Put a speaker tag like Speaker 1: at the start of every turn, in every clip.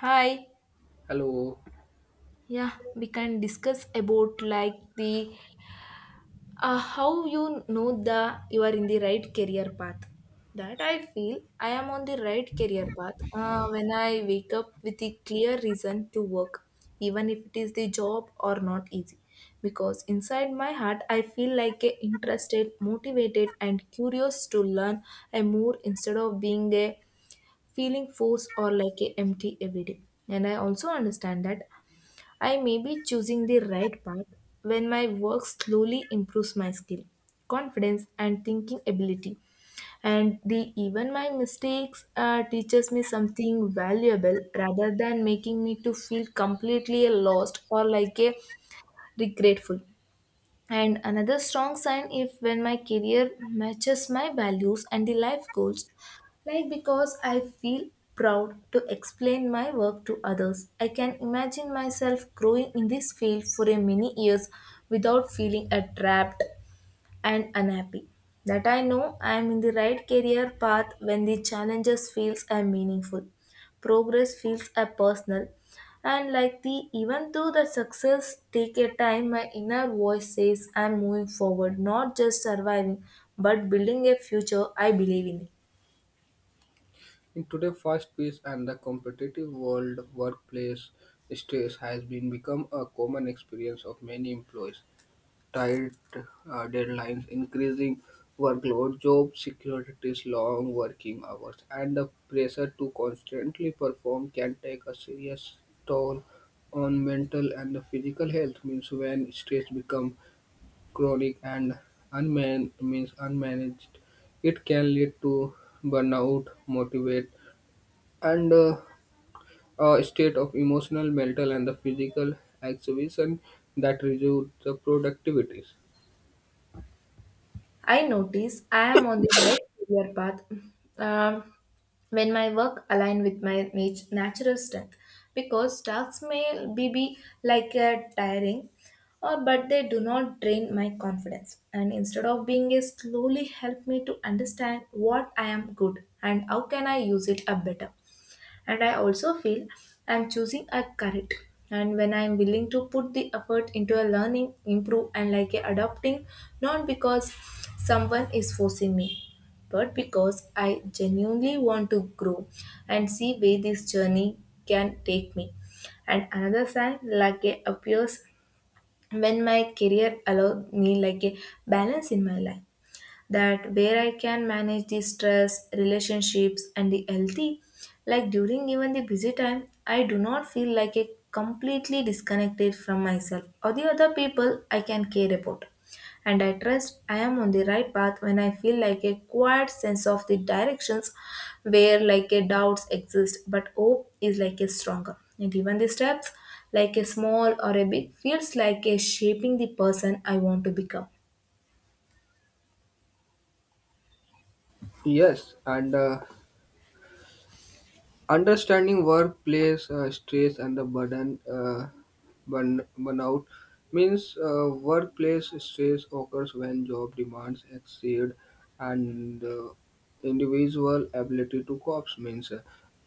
Speaker 1: Hi.
Speaker 2: Hello.
Speaker 1: Yeah, we can discuss about like the you are in the right career path. That I feel I am on the right career path when I wake up with the clear reason to work, even if it is the job or not easy. Because inside my heart, I feel like a interested, motivated, and curious to learn and more instead of being a feeling force or like a empty every day, and I also understand that I may be choosing the right path when my work slowly improves my skill, confidence, and thinking ability. And the even my mistakes teaches me something valuable rather than making me to feel completely lost or like a regretful. And another strong sign if when my career matches my values and the life goals, like because I feel proud to explain my work to others. I can imagine myself growing in this field for a many years without feeling a trapped and unhappy, that I know I am in the right career path when the challenges feels are meaningful, progress feels are personal, and like the even though the success take a time, my inner voice says I'm moving forward, not just surviving but building a future I believe in.
Speaker 2: In today's fast-paced and the competitive world, workplace stress has been become a common experience of many employees. Tight deadlines, increasing workload, job securities, long working hours, and the pressure to constantly perform can take a serious toll on mental and the physical health. Means when stress become chronic and unman- means unmanaged, it can lead to burnout, motivate, and a state of emotional, mental, and the physical exhibition that reduce the productivities.
Speaker 1: I notice I am on the right career path um, when my work align with my natural strength because tasks may be like tiring or but they do not drain my confidence, and instead of being a slowly help me to understand what I am good and how can I use it up better. And I also feel I'm choosing a correct, and when I'm willing to put the effort into a learning improve and like a adopting, not because someone is forcing me but because I genuinely want to grow and see where this journey can take me. And another sign like a appears when my career allows me like a balance in my life, that where I can manage the stress, relationships, and the healthy, like during even the busy time, I do not feel like a completely disconnected from myself or the other people I can care about. And I trust I am on the right path when I feel like a quiet sense of the directions where like a doubts exist, but hope is like a stronger. And even the steps, like a small or a big, feels like a shaping the person I want to become.
Speaker 2: Yes, and understanding workplace stress and the burden burnout means workplace stress occurs when job demands exceed and individual ability to cope means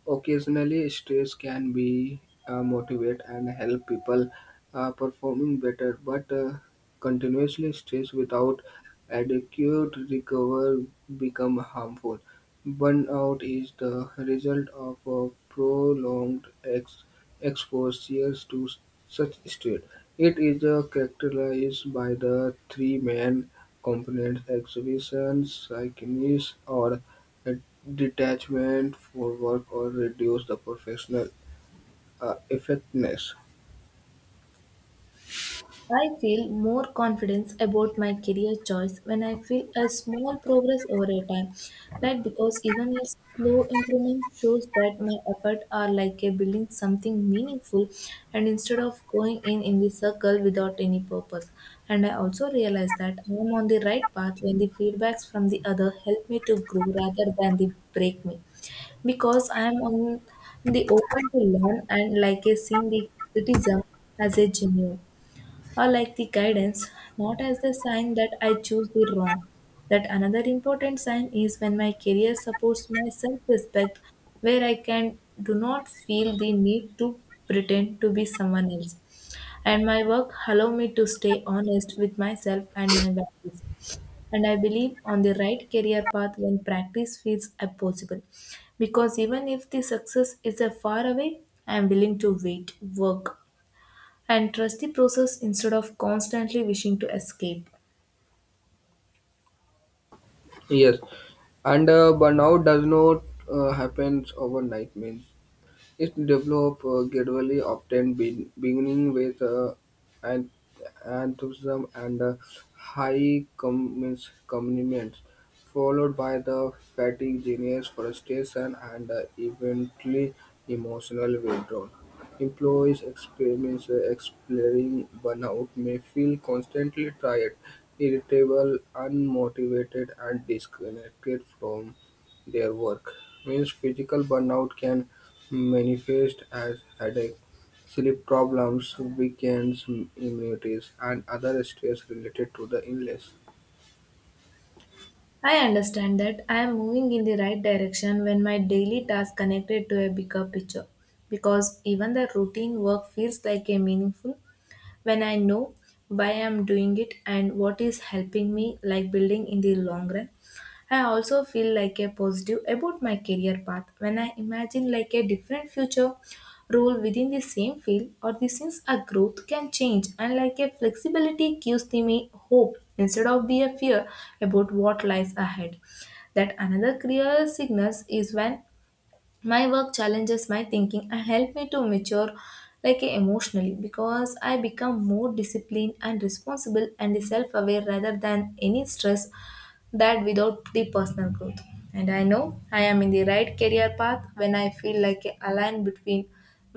Speaker 2: occasionally stress can be motivate and help people performing better but continuously stress without adequate recovery become harmful. Burnout is the result of a prolonged exposure to such stress. It is characterized by the three main components: exhibition, psychosis, or detachment for work, or reduce the professional effectiveness.
Speaker 1: I feel more confidence about my career choice when I feel a small progress over a time. Right? Because even a slow improvement shows that my effort are like a building something meaningful and instead of going in the circle without any purpose. And I also realize that I am on the right path when the feedbacks from the other help me to grow rather than they break me, because I am on the open to learn and like a seeing the criticism as a genuine or like the guidance, not as the sign that I choose the wrong. That another important sign is when my career supports my self respect, where I can do not feel the need to pretend to be someone else. And my work allow me to stay honest with myself and my values. And I believe on the right career path when practice feels impossible, because even if the success is a far away, I am willing to wait, work, and trust the process instead of constantly wishing to escape.
Speaker 2: Yes, and burnout does not happen overnight. Means it developed gradually, often beginning with an- enthusiasm and commitment, followed by the fatigue, genius, frustration, and eventually emotional withdrawal. Employees experience exploring burnout may feel constantly tired, irritable, unmotivated, and disconnected from their work means physical burnout can manifest as headache, sleep problems, weakened immunities, and other stress related to the illness.
Speaker 1: I understand that I am moving in the right direction when my daily task connected to a bigger picture, because even the routine work feels like a meaningful when I know why I'm doing it and what is helping me, like building in the long run. I also feel like a positive about my career path when I imagine like a different future role within the same field or the since a growth can change, and like a flexibility gives to me hope instead of be a fear about what lies ahead. That another clear signals is when my work challenges my thinking and help me to mature like emotionally, because I become more disciplined and responsible and self-aware rather than any stress, that without the personal growth. And I know I am in the right career path when I feel like a align between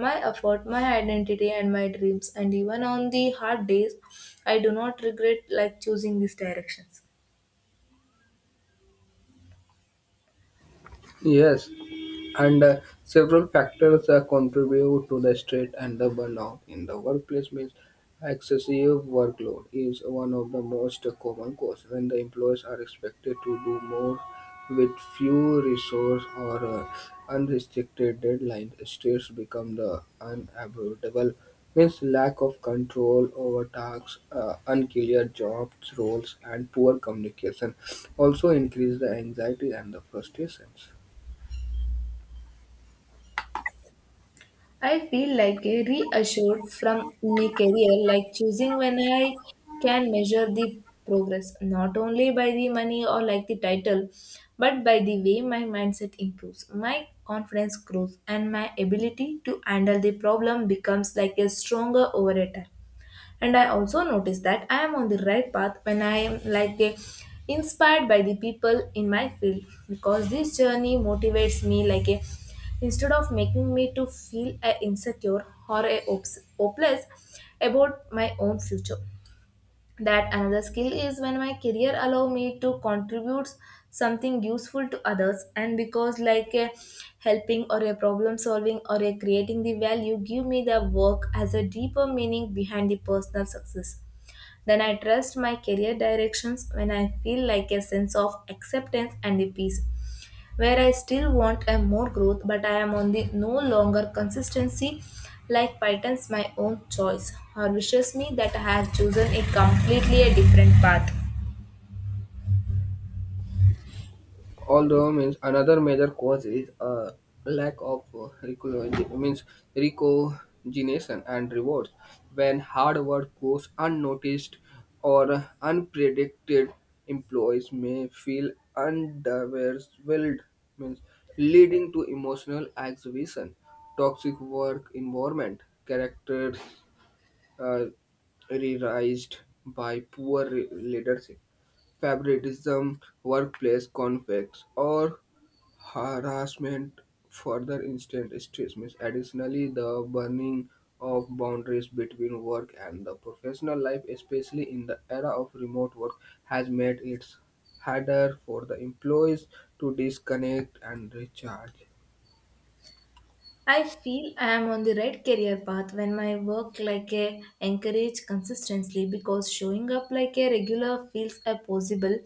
Speaker 1: my effort, my identity, and my dreams, and even on the hard days I do not regret like choosing these directions.
Speaker 2: Yes, and several factors contribute to the stress and the burnout in the workplace means excessive workload is one of the most common cause when the employees are expected to do more with few resource or unrestricted deadlines stress become the unavoidable means lack of control over tasks unclear jobs roles and poor communication also increase the anxiety and the frustrations.
Speaker 1: I feel like a reassured from my career, like choosing when I can measure the progress, not only by the money or like the title, but by the way my mindset improves, my confidence grows, and my ability to handle the problem becomes like a stronger over a time. And I also notice that I am on the right path when I am like a inspired by the people in my field, because this journey motivates me like a, instead of making me to feel a insecure or a hopeless about my own future. That another skill is when my career allow me to contribute something useful to others, and because like a helping or a problem solving or a creating the value give me the work as a deeper meaning behind the personal success. Then I trust my career directions when I feel like a sense of acceptance and the peace, where I still want a more growth, but I am on the no longer consistency like Python's my own choice or wishes me that I have chosen a completely a different path.
Speaker 2: Although means another major cause is a lack of recogen- means recognition and rewards. When hard work goes unnoticed or unpredicted, employees may feel underwhelmed, means leading to emotional exhibition, toxic work environment, character uh, realized by poor leadership, favoritism, workplace conflicts, or harassment. Further instant stress. Means additionally, the burning of boundaries between work and the professional life, especially in the era of remote work, has made it harder for the employees to disconnect and recharge.
Speaker 1: I feel I am on the right career path when my work like a encourage consistently, because showing up like a regular feels a possible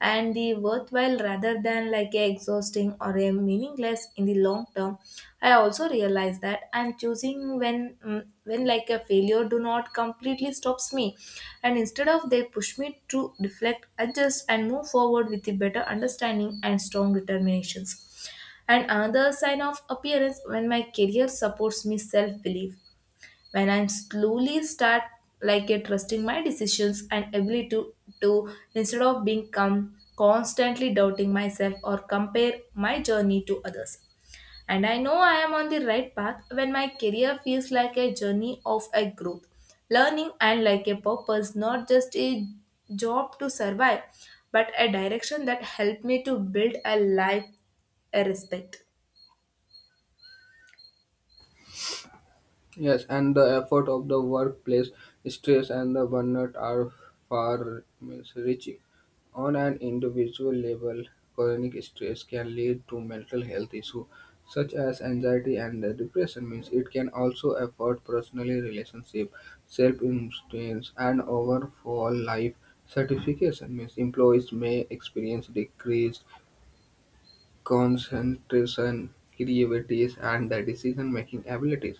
Speaker 1: and the worthwhile rather than like a exhausting or a meaningless in the long term. I also realize that I'm choosing when when like a failure do not completely stops me, and instead of they push me to reflect, adjust, and move forward with the better understanding and strong determinations. And another sign of appearance when my career supports me self belief, when I'm slowly start like a trusting my decisions and ability to instead of being constantly doubting myself or compare my journey to others. And I know I am on the right path when my career feels like a journey of a growth, learning, and like a purpose, not just a job to survive, but a direction that helped me to build a life a respect.
Speaker 2: Yes, and the effort of the workplace stress and the burnout are far means, reaching. On an individual level, chronic stress can lead to mental health issues such as anxiety and the depression means it can also affect personally relationship, self-influence and overall life certification means employees may experience decreased concentration, creativity, and the decision-making abilities.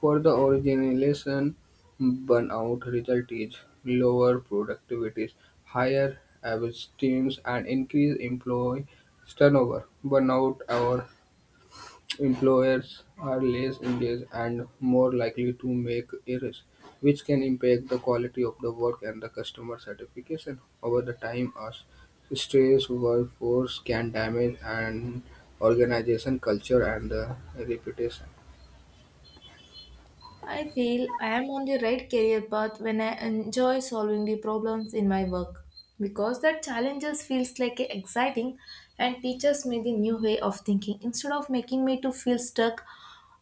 Speaker 2: For the organization, burnout result is lower productivity, higher abstinence, and increased employee turnover. Burnout or Employers are less engaged and more likely to make errors, which can impact the quality of the work and the customer satisfaction. Over the time, a stressed workforce can damage an organization culture and the reputation.
Speaker 1: I feel I am on the right career path when I enjoy solving the problems in my work, because that challenges feels like a exciting and teaches me the new way of thinking instead of making me to feel stuck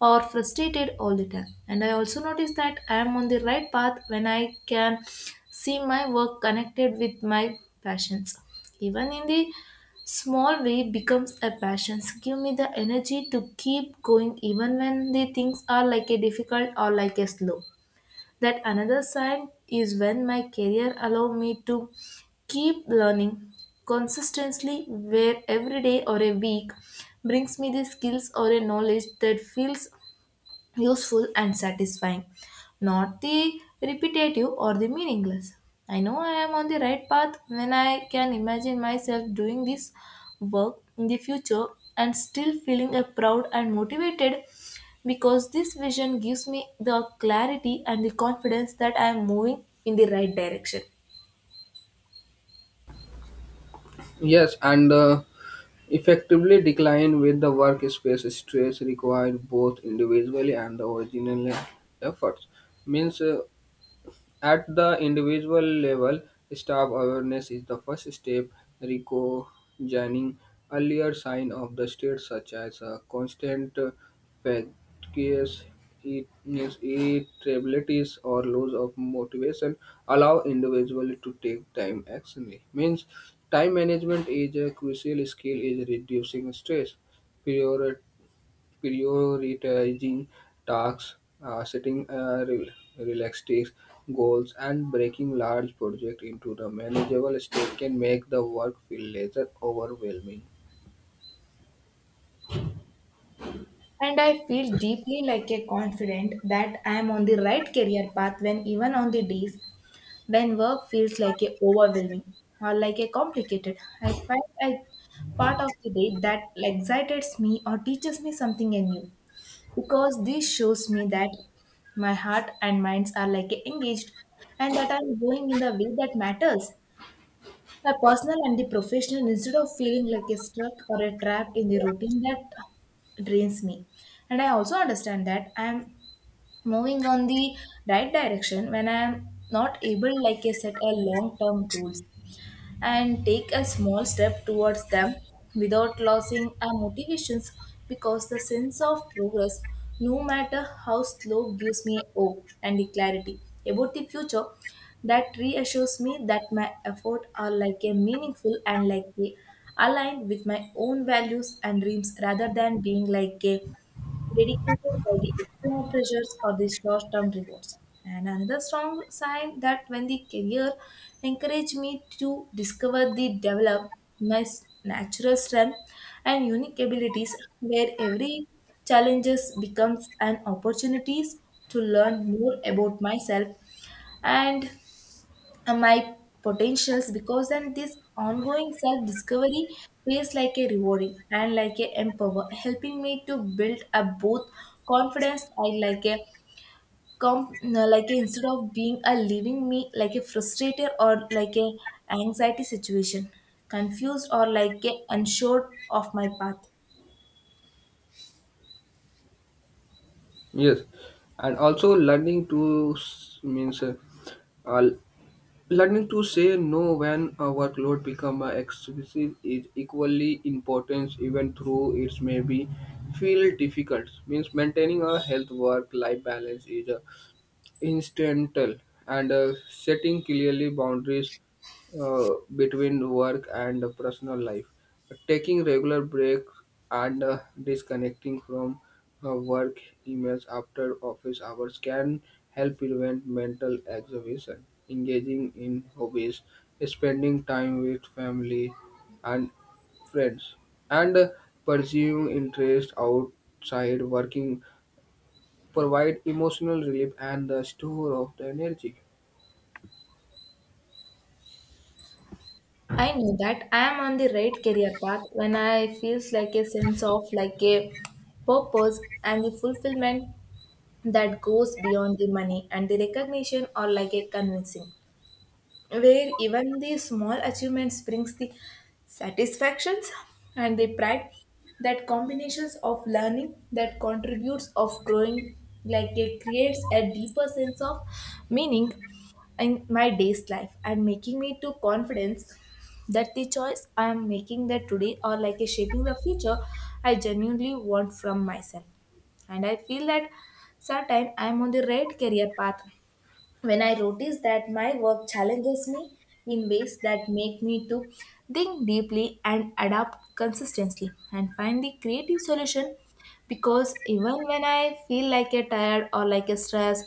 Speaker 1: or frustrated all the time. And I also notice that I am on the right path when I can see my work connected with my passions even in the small way becomes a passion. So give me the energy to keep going even when the things are like a difficult or like a slow. That another sign is when my career allow me to keep learning consistently, where every day or a week brings me the skills or a knowledge that feels useful and satisfying, not the repetitive or the meaningless. I know I am on the right path when I can imagine myself doing this work in the future and still feeling a proud and motivated, because this vision gives me the clarity and the confidence that I am moving in the right direction.
Speaker 2: Yes, and effectively decline with the workspace stress required both individually and the original efforts. Means at the individual level, staff awareness is the first step, recognizing earlier signs of the state such as a constant fatigue, illness, irritabilities, or loss of motivation, allow individuals to take time action. Means time management is a crucial skill in reducing stress, prior- prioritizing tasks, setting realistic goals, and breaking large projects into the manageable steps can make the work feel less overwhelming.
Speaker 1: And I feel deeply like a confident that I am on the right career path when even on the days when work feels like a overwhelming or like a complicated, I find a part of the day that excites me or teaches me something new, because this shows me that my heart and minds are like engaged and that I'm going in the way that matters. My personal and the professional, instead of feeling like a stuck or a trapped in the routine that drains me. And I also understand that I am moving on the right direction when I am not able like I set a long term goals and take a small step towards them without losing our motivations, because the sense of progress, no matter how slow, gives me hope and clarity about the future, that reassures me that my efforts are like a meaningful and like a aligned with my own values and dreams rather than being like a dedicated by the external pressures or the short term rewards. And another strong sign that when the career encouraged me to discover the develop my natural strength and unique abilities where every challenges becomes an opportunities to learn more about myself and and my potentials, because then this ongoing self discovery feels like a rewarding and like a empower, helping me to build up both confidence and like a comp no, like a, instead of being a leaving me like a frustrated or like a anxiety situation, confused or like a unsure of my path.
Speaker 2: Yes, and also uh, learning to say no when a workload become excessive is equally important, even through it may be feel difficult. Means maintaining a health work life balance is a incidental and setting clearly boundaries between work and personal life. Taking regular breaks and disconnecting from work emails after office hours can help prevent mental exhaustion. Engaging in hobbies, spending time with family and friends, and pursuing interests outside working provide emotional relief and the store of the energy.
Speaker 1: I know that I am on the right career path when I feels like a sense of like a purpose and the fulfillment that goes beyond the money and the recognition or like a convincing, where even the small achievements brings the satisfactions and the pride, that combinations of learning that contributes of growing, like it creates a deeper sense of meaning in my day's life and making me to confidence that the choice I am making that today or like a shaping the future I genuinely want from myself. And I feel that sometime I am on the right career path when I notice that my work challenges me in ways that make me to think deeply and adapt consistently and find the creative solution, because even when I feel like a tired or like a stress,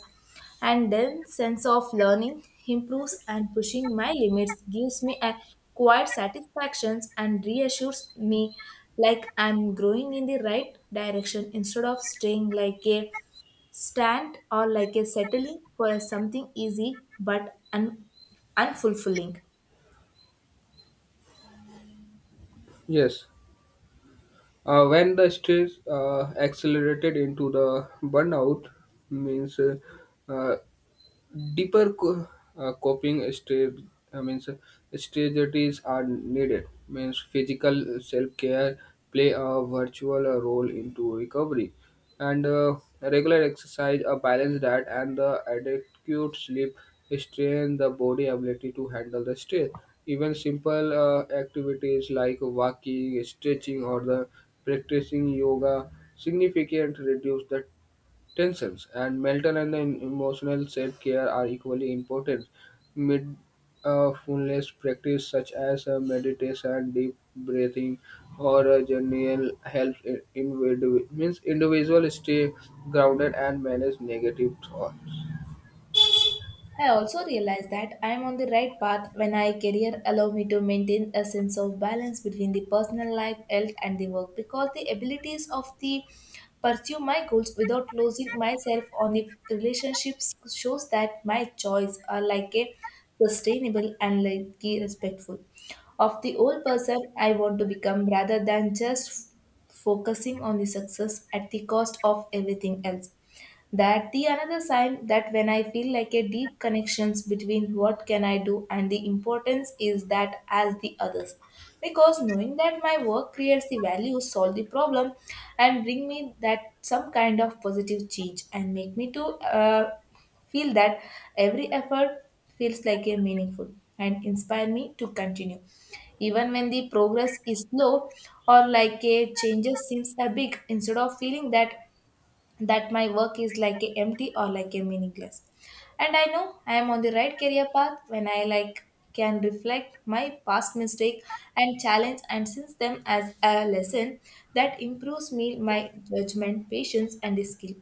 Speaker 1: and then sense of learning improves and pushing my limits gives me a quiet satisfactions and reassures me like I'm growing in the right direction instead of staying like a stand or like a settling for a something easy but unfulfilling.
Speaker 2: Yes, when the stress accelerated into the burnout means uh, deeper co- coping stra- means strategies are needed means physical self-care play a virtual role into recovery and regular exercise a balanced diet and the adequate sleep strain the body ability to handle the stress even simple activities like walking stretching or the practicing yoga significantly reduce the tensions, and mental and emotional self care are equally important. Mindfulness practice such as meditation, deep breathing, or a journal helps in means individual stay grounded and manage negative thoughts.
Speaker 1: I also realize that I am on the right path when I career allow me to maintain a sense of balance between the personal life, health and the work, because the abilities of the pursue my goals without losing myself on the relationships shows that my choice are like a sustainable and like a respectful of the old person I want to become rather than just focusing on the success at the cost of everything else. That the another sign that when I feel like a deep connections between what can I do and the importance is that as the others, because knowing that my work creates the value solve the problem and bring me that some kind of positive change and make me to uh, feel that every effort feels like a meaningful and inspire me to continue, even when the progress is slow or like a changes seems a big, instead of feeling that my work is like a empty or like a meaningless. And I know I am on the right career path when I like can reflect my past mistake and challenge and sense them as a lesson that improves me my judgment patience and skill,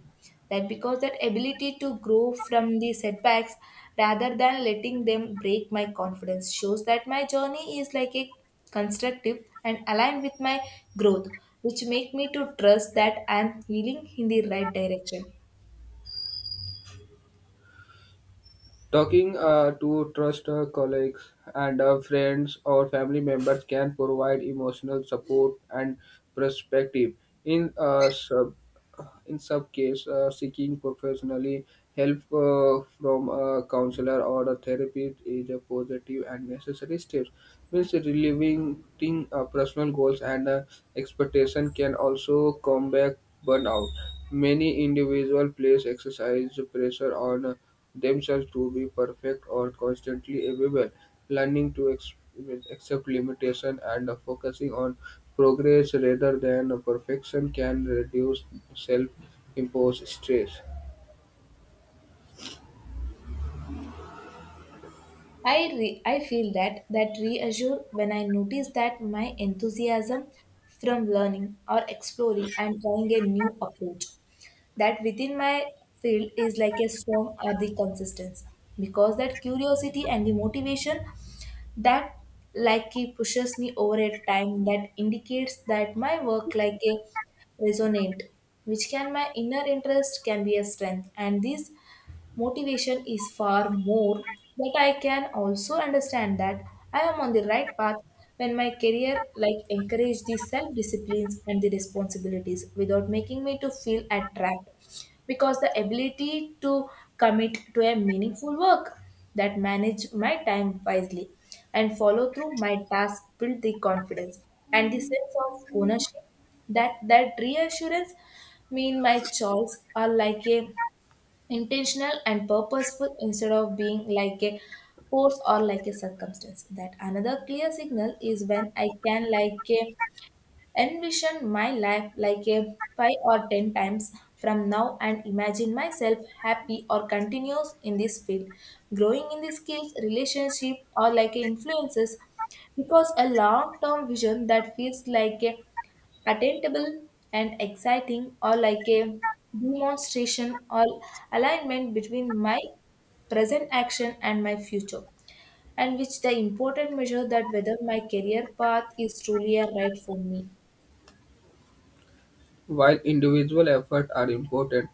Speaker 1: that because that ability to grow from the setbacks rather than letting them break my confidence shows that my journey is like a constructive and aligned with my growth, which make me to trust that I am healing in the right direction.
Speaker 2: Talking to trusted colleagues and friends or family members can provide emotional support and perspective. In uh, sub, in some case, seeking professionally help from a counselor or a therapist is a positive and necessary step. Means relieving thing, personal goals and expectation can also combat burnout. Many individual place exercise pressure on. Themselves to be perfect or constantly available, learning to accept limitation and focusing on progress rather than perfection can reduce self-imposed stress.
Speaker 1: I feel that that reassure when I notice that my enthusiasm from learning or exploring and trying a new approach that within my field is like a storm or the consistency, because that curiosity and the motivation that like it pushes me over a time that indicates that my work like a resonant, which can my inner interest can be a strength and this motivation is far more. But I can also understand that I am on the right path when my career like encourage the self disciplines and the responsibilities without making me to feel attract, because the ability to commit to a meaningful work that manage my time wisely and follow through my task build the confidence and the sense of ownership, that reassurance mean my choice are like a intentional and purposeful instead of being like a force or like a circumstance. That another clear signal is when I can like a envision my life like a 5 or 10 times from now and imagine myself happy or continuous in this field, growing in the skills relationship or like a influences, because a long term vision that feels like a attainable and exciting or like a demonstration or alignment between my present action and my future, and which the important measure that whether my career path is truly a right for me.
Speaker 2: While individual efforts are important,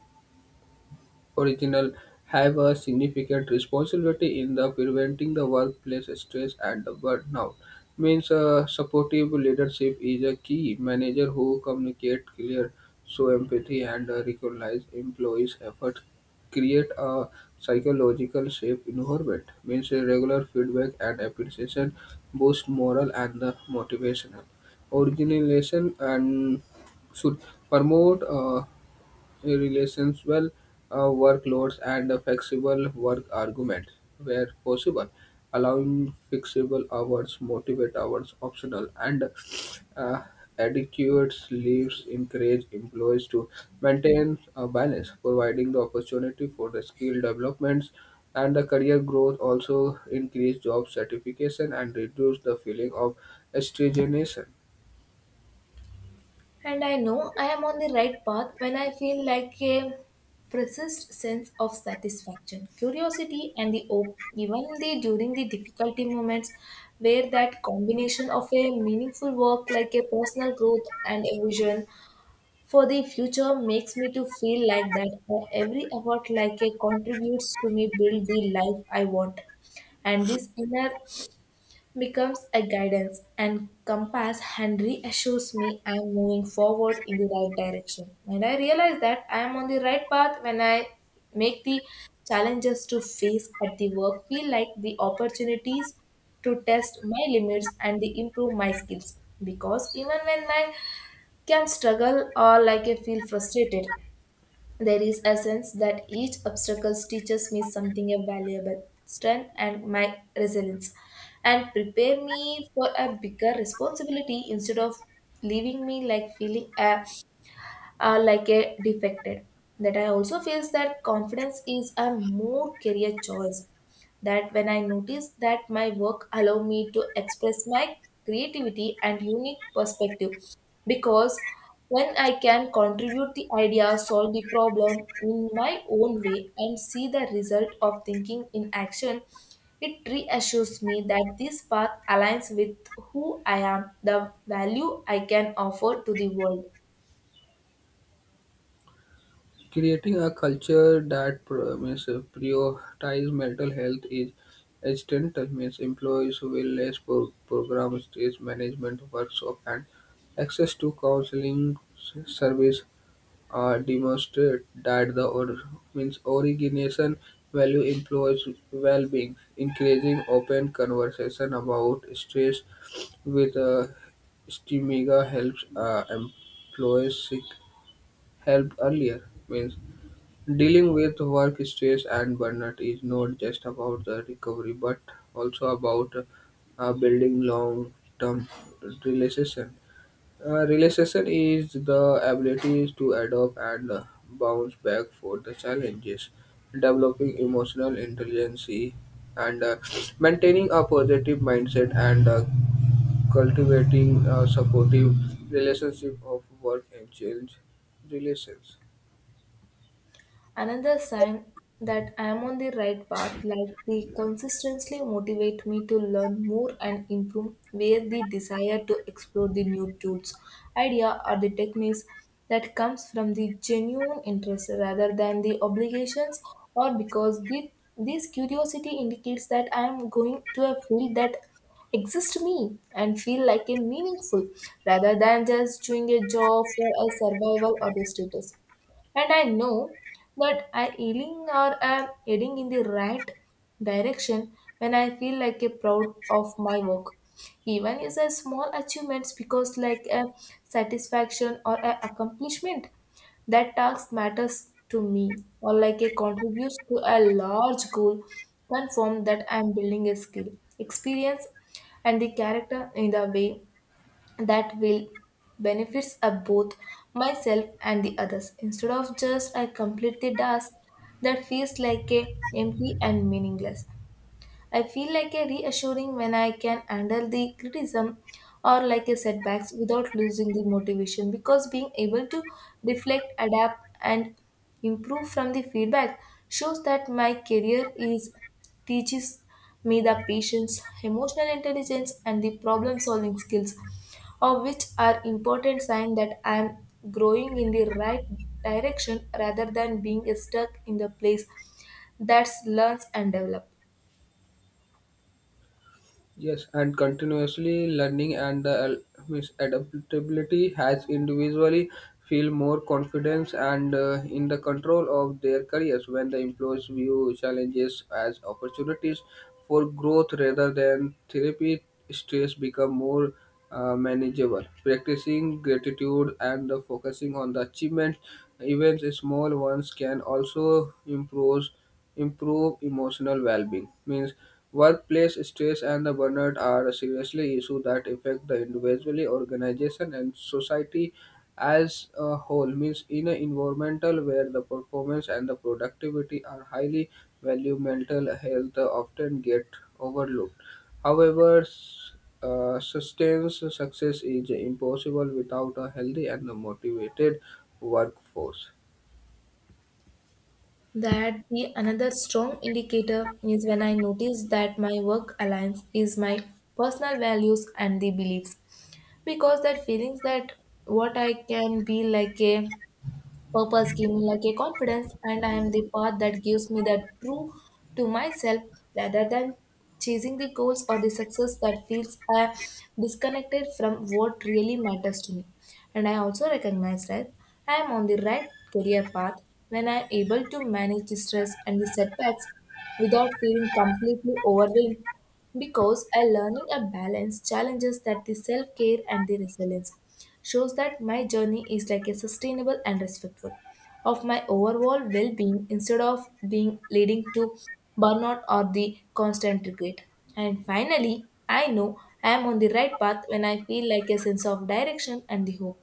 Speaker 2: original have a significant responsibility in the preventing the workplace stress and the burnout. Means supportive leadership is a key manager who communicate clear, show empathy, and recognize employees' effort. Create a psychological safe environment. Means regular feedback and appreciation boost morale and the motivational. Organization and should promote relations well uh, workloads and a flexible work arguments where possible allowing flexible hours motivate hours optional and uh, adequate leaves encourage employees to maintain a balance providing the opportunity for the skill developments and the career growth also increase job satisfaction and reduce the feeling of stagnation.
Speaker 1: And I know I am on the right path when I feel like a persist sense of satisfaction curiosity and the hope even the during the difficulty moments, where that combination of a meaningful work like a personal growth and a vision for the future makes me to feel like that every effort like a contributes to me build the life I want. And this inner becomes a guidance and compass and reassures me I am moving forward in the right direction. And I realize that I am on the right path when I make the challenges to face at the work feel like the opportunities to test my limits and the improve my skills. Because even when I can struggle or like I feel frustrated, there is a sense that each obstacle teaches me something valuable, strength and my resilience, and prepare me for a bigger responsibility instead of leaving me like feeling a like a defected. That I also feels that confidence is a more career choice. That when I notice that my work allow me to express my creativity and unique perspective, because when I can contribute the idea, solve the problem in my own way, and see the result of thinking in action, it reassures me that this path aligns with who I am, the value I can offer to the world.
Speaker 2: Creating a culture that pro- means prioritize mental health is essential. Means employees will less program stress management workshop and access to counseling service demonstrate that the or- means organization value employees well-being, increasing open conversation about stress with Stimiga helps employees seek help earlier. Means dealing with work stress and burnout is not just about the recovery, but also about building long-term relationship. Relationship is the ability to adapt and bounce back for the challenges, developing emotional intelligence, and maintaining a positive mindset and cultivating a supportive relationship of work and change relations.
Speaker 1: Another sign that I am on the right path, like the consistency motivate me to learn more and improve, where the desire to explore the new tools, idea or the techniques that comes from the genuine interest rather than the obligations, or because this curiosity indicates that I am going to a field that exists me and feel like a meaningful rather than just doing a job for a survival or the status. And I know that I ailing or am heading in the right direction when I feel like a proud of my work. Even is a small achievements, because like a satisfaction or a accomplishment that task matters to me or like a contributes to a large goal, confirm that I am building a skill, experience and the character in the way that will benefits of both myself and the others, instead of just a complete the task that feels like a empty and meaningless. I feel like a reassuring when I can handle the criticism or like a setbacks without losing the motivation, because being able to reflect, adapt and improve from the feedback shows that my career is teaches me the patience, emotional intelligence and the problem solving skills, of which are important sign that I am growing in the right direction rather than being stuck in the place that learns and develops.
Speaker 2: Yes, and continuously learning and the adaptability has individually feel more confidence and in the control of their careers when the employees view challenges as opportunities for growth rather than therapy stress become more manageable practicing gratitude and the focusing on the achievements even small ones can also improve emotional well-being. Means workplace stress and the burnout are seriously issues that affect the individual, organization, and society as a whole. Means in an environmental where the performance and the productivity are highly valued, mental health often get overlooked. However, sustained success is impossible without a healthy and motivated workforce.
Speaker 1: That the another strong indicator is when I notice that my work aligns is my personal values and the beliefs, because that feelings that what I can be like a purpose give me like a confidence, and I am the path that gives me the true to myself rather than chasing the goals or the success that feels disconnected from what really matters to me. And I also recognize that I am on the right career path when I am able to manage the stress and the setbacks without feeling completely overwhelmed, because a learning a balance challenges that the self care and the resilience shows that my journey is like a sustainable and respectful of my overall well-being instead of being leading to burnout or the constant regret. And finally, I know I am on the right path when I feel like a sense of direction and the hope,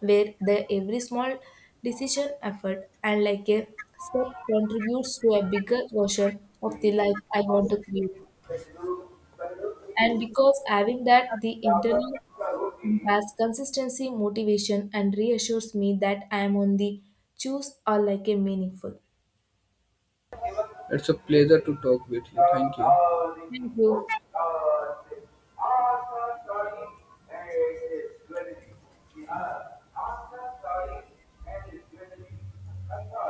Speaker 1: where the every small decision, effort, and like a step contributes to a bigger version of the life I want to create. And because having that the internal imparts consistency, motivation, and reassures me that I am on the choose or like a meaningful.
Speaker 2: It's a pleasure to talk with you.
Speaker 1: Thank you.
Speaker 2: Thank you.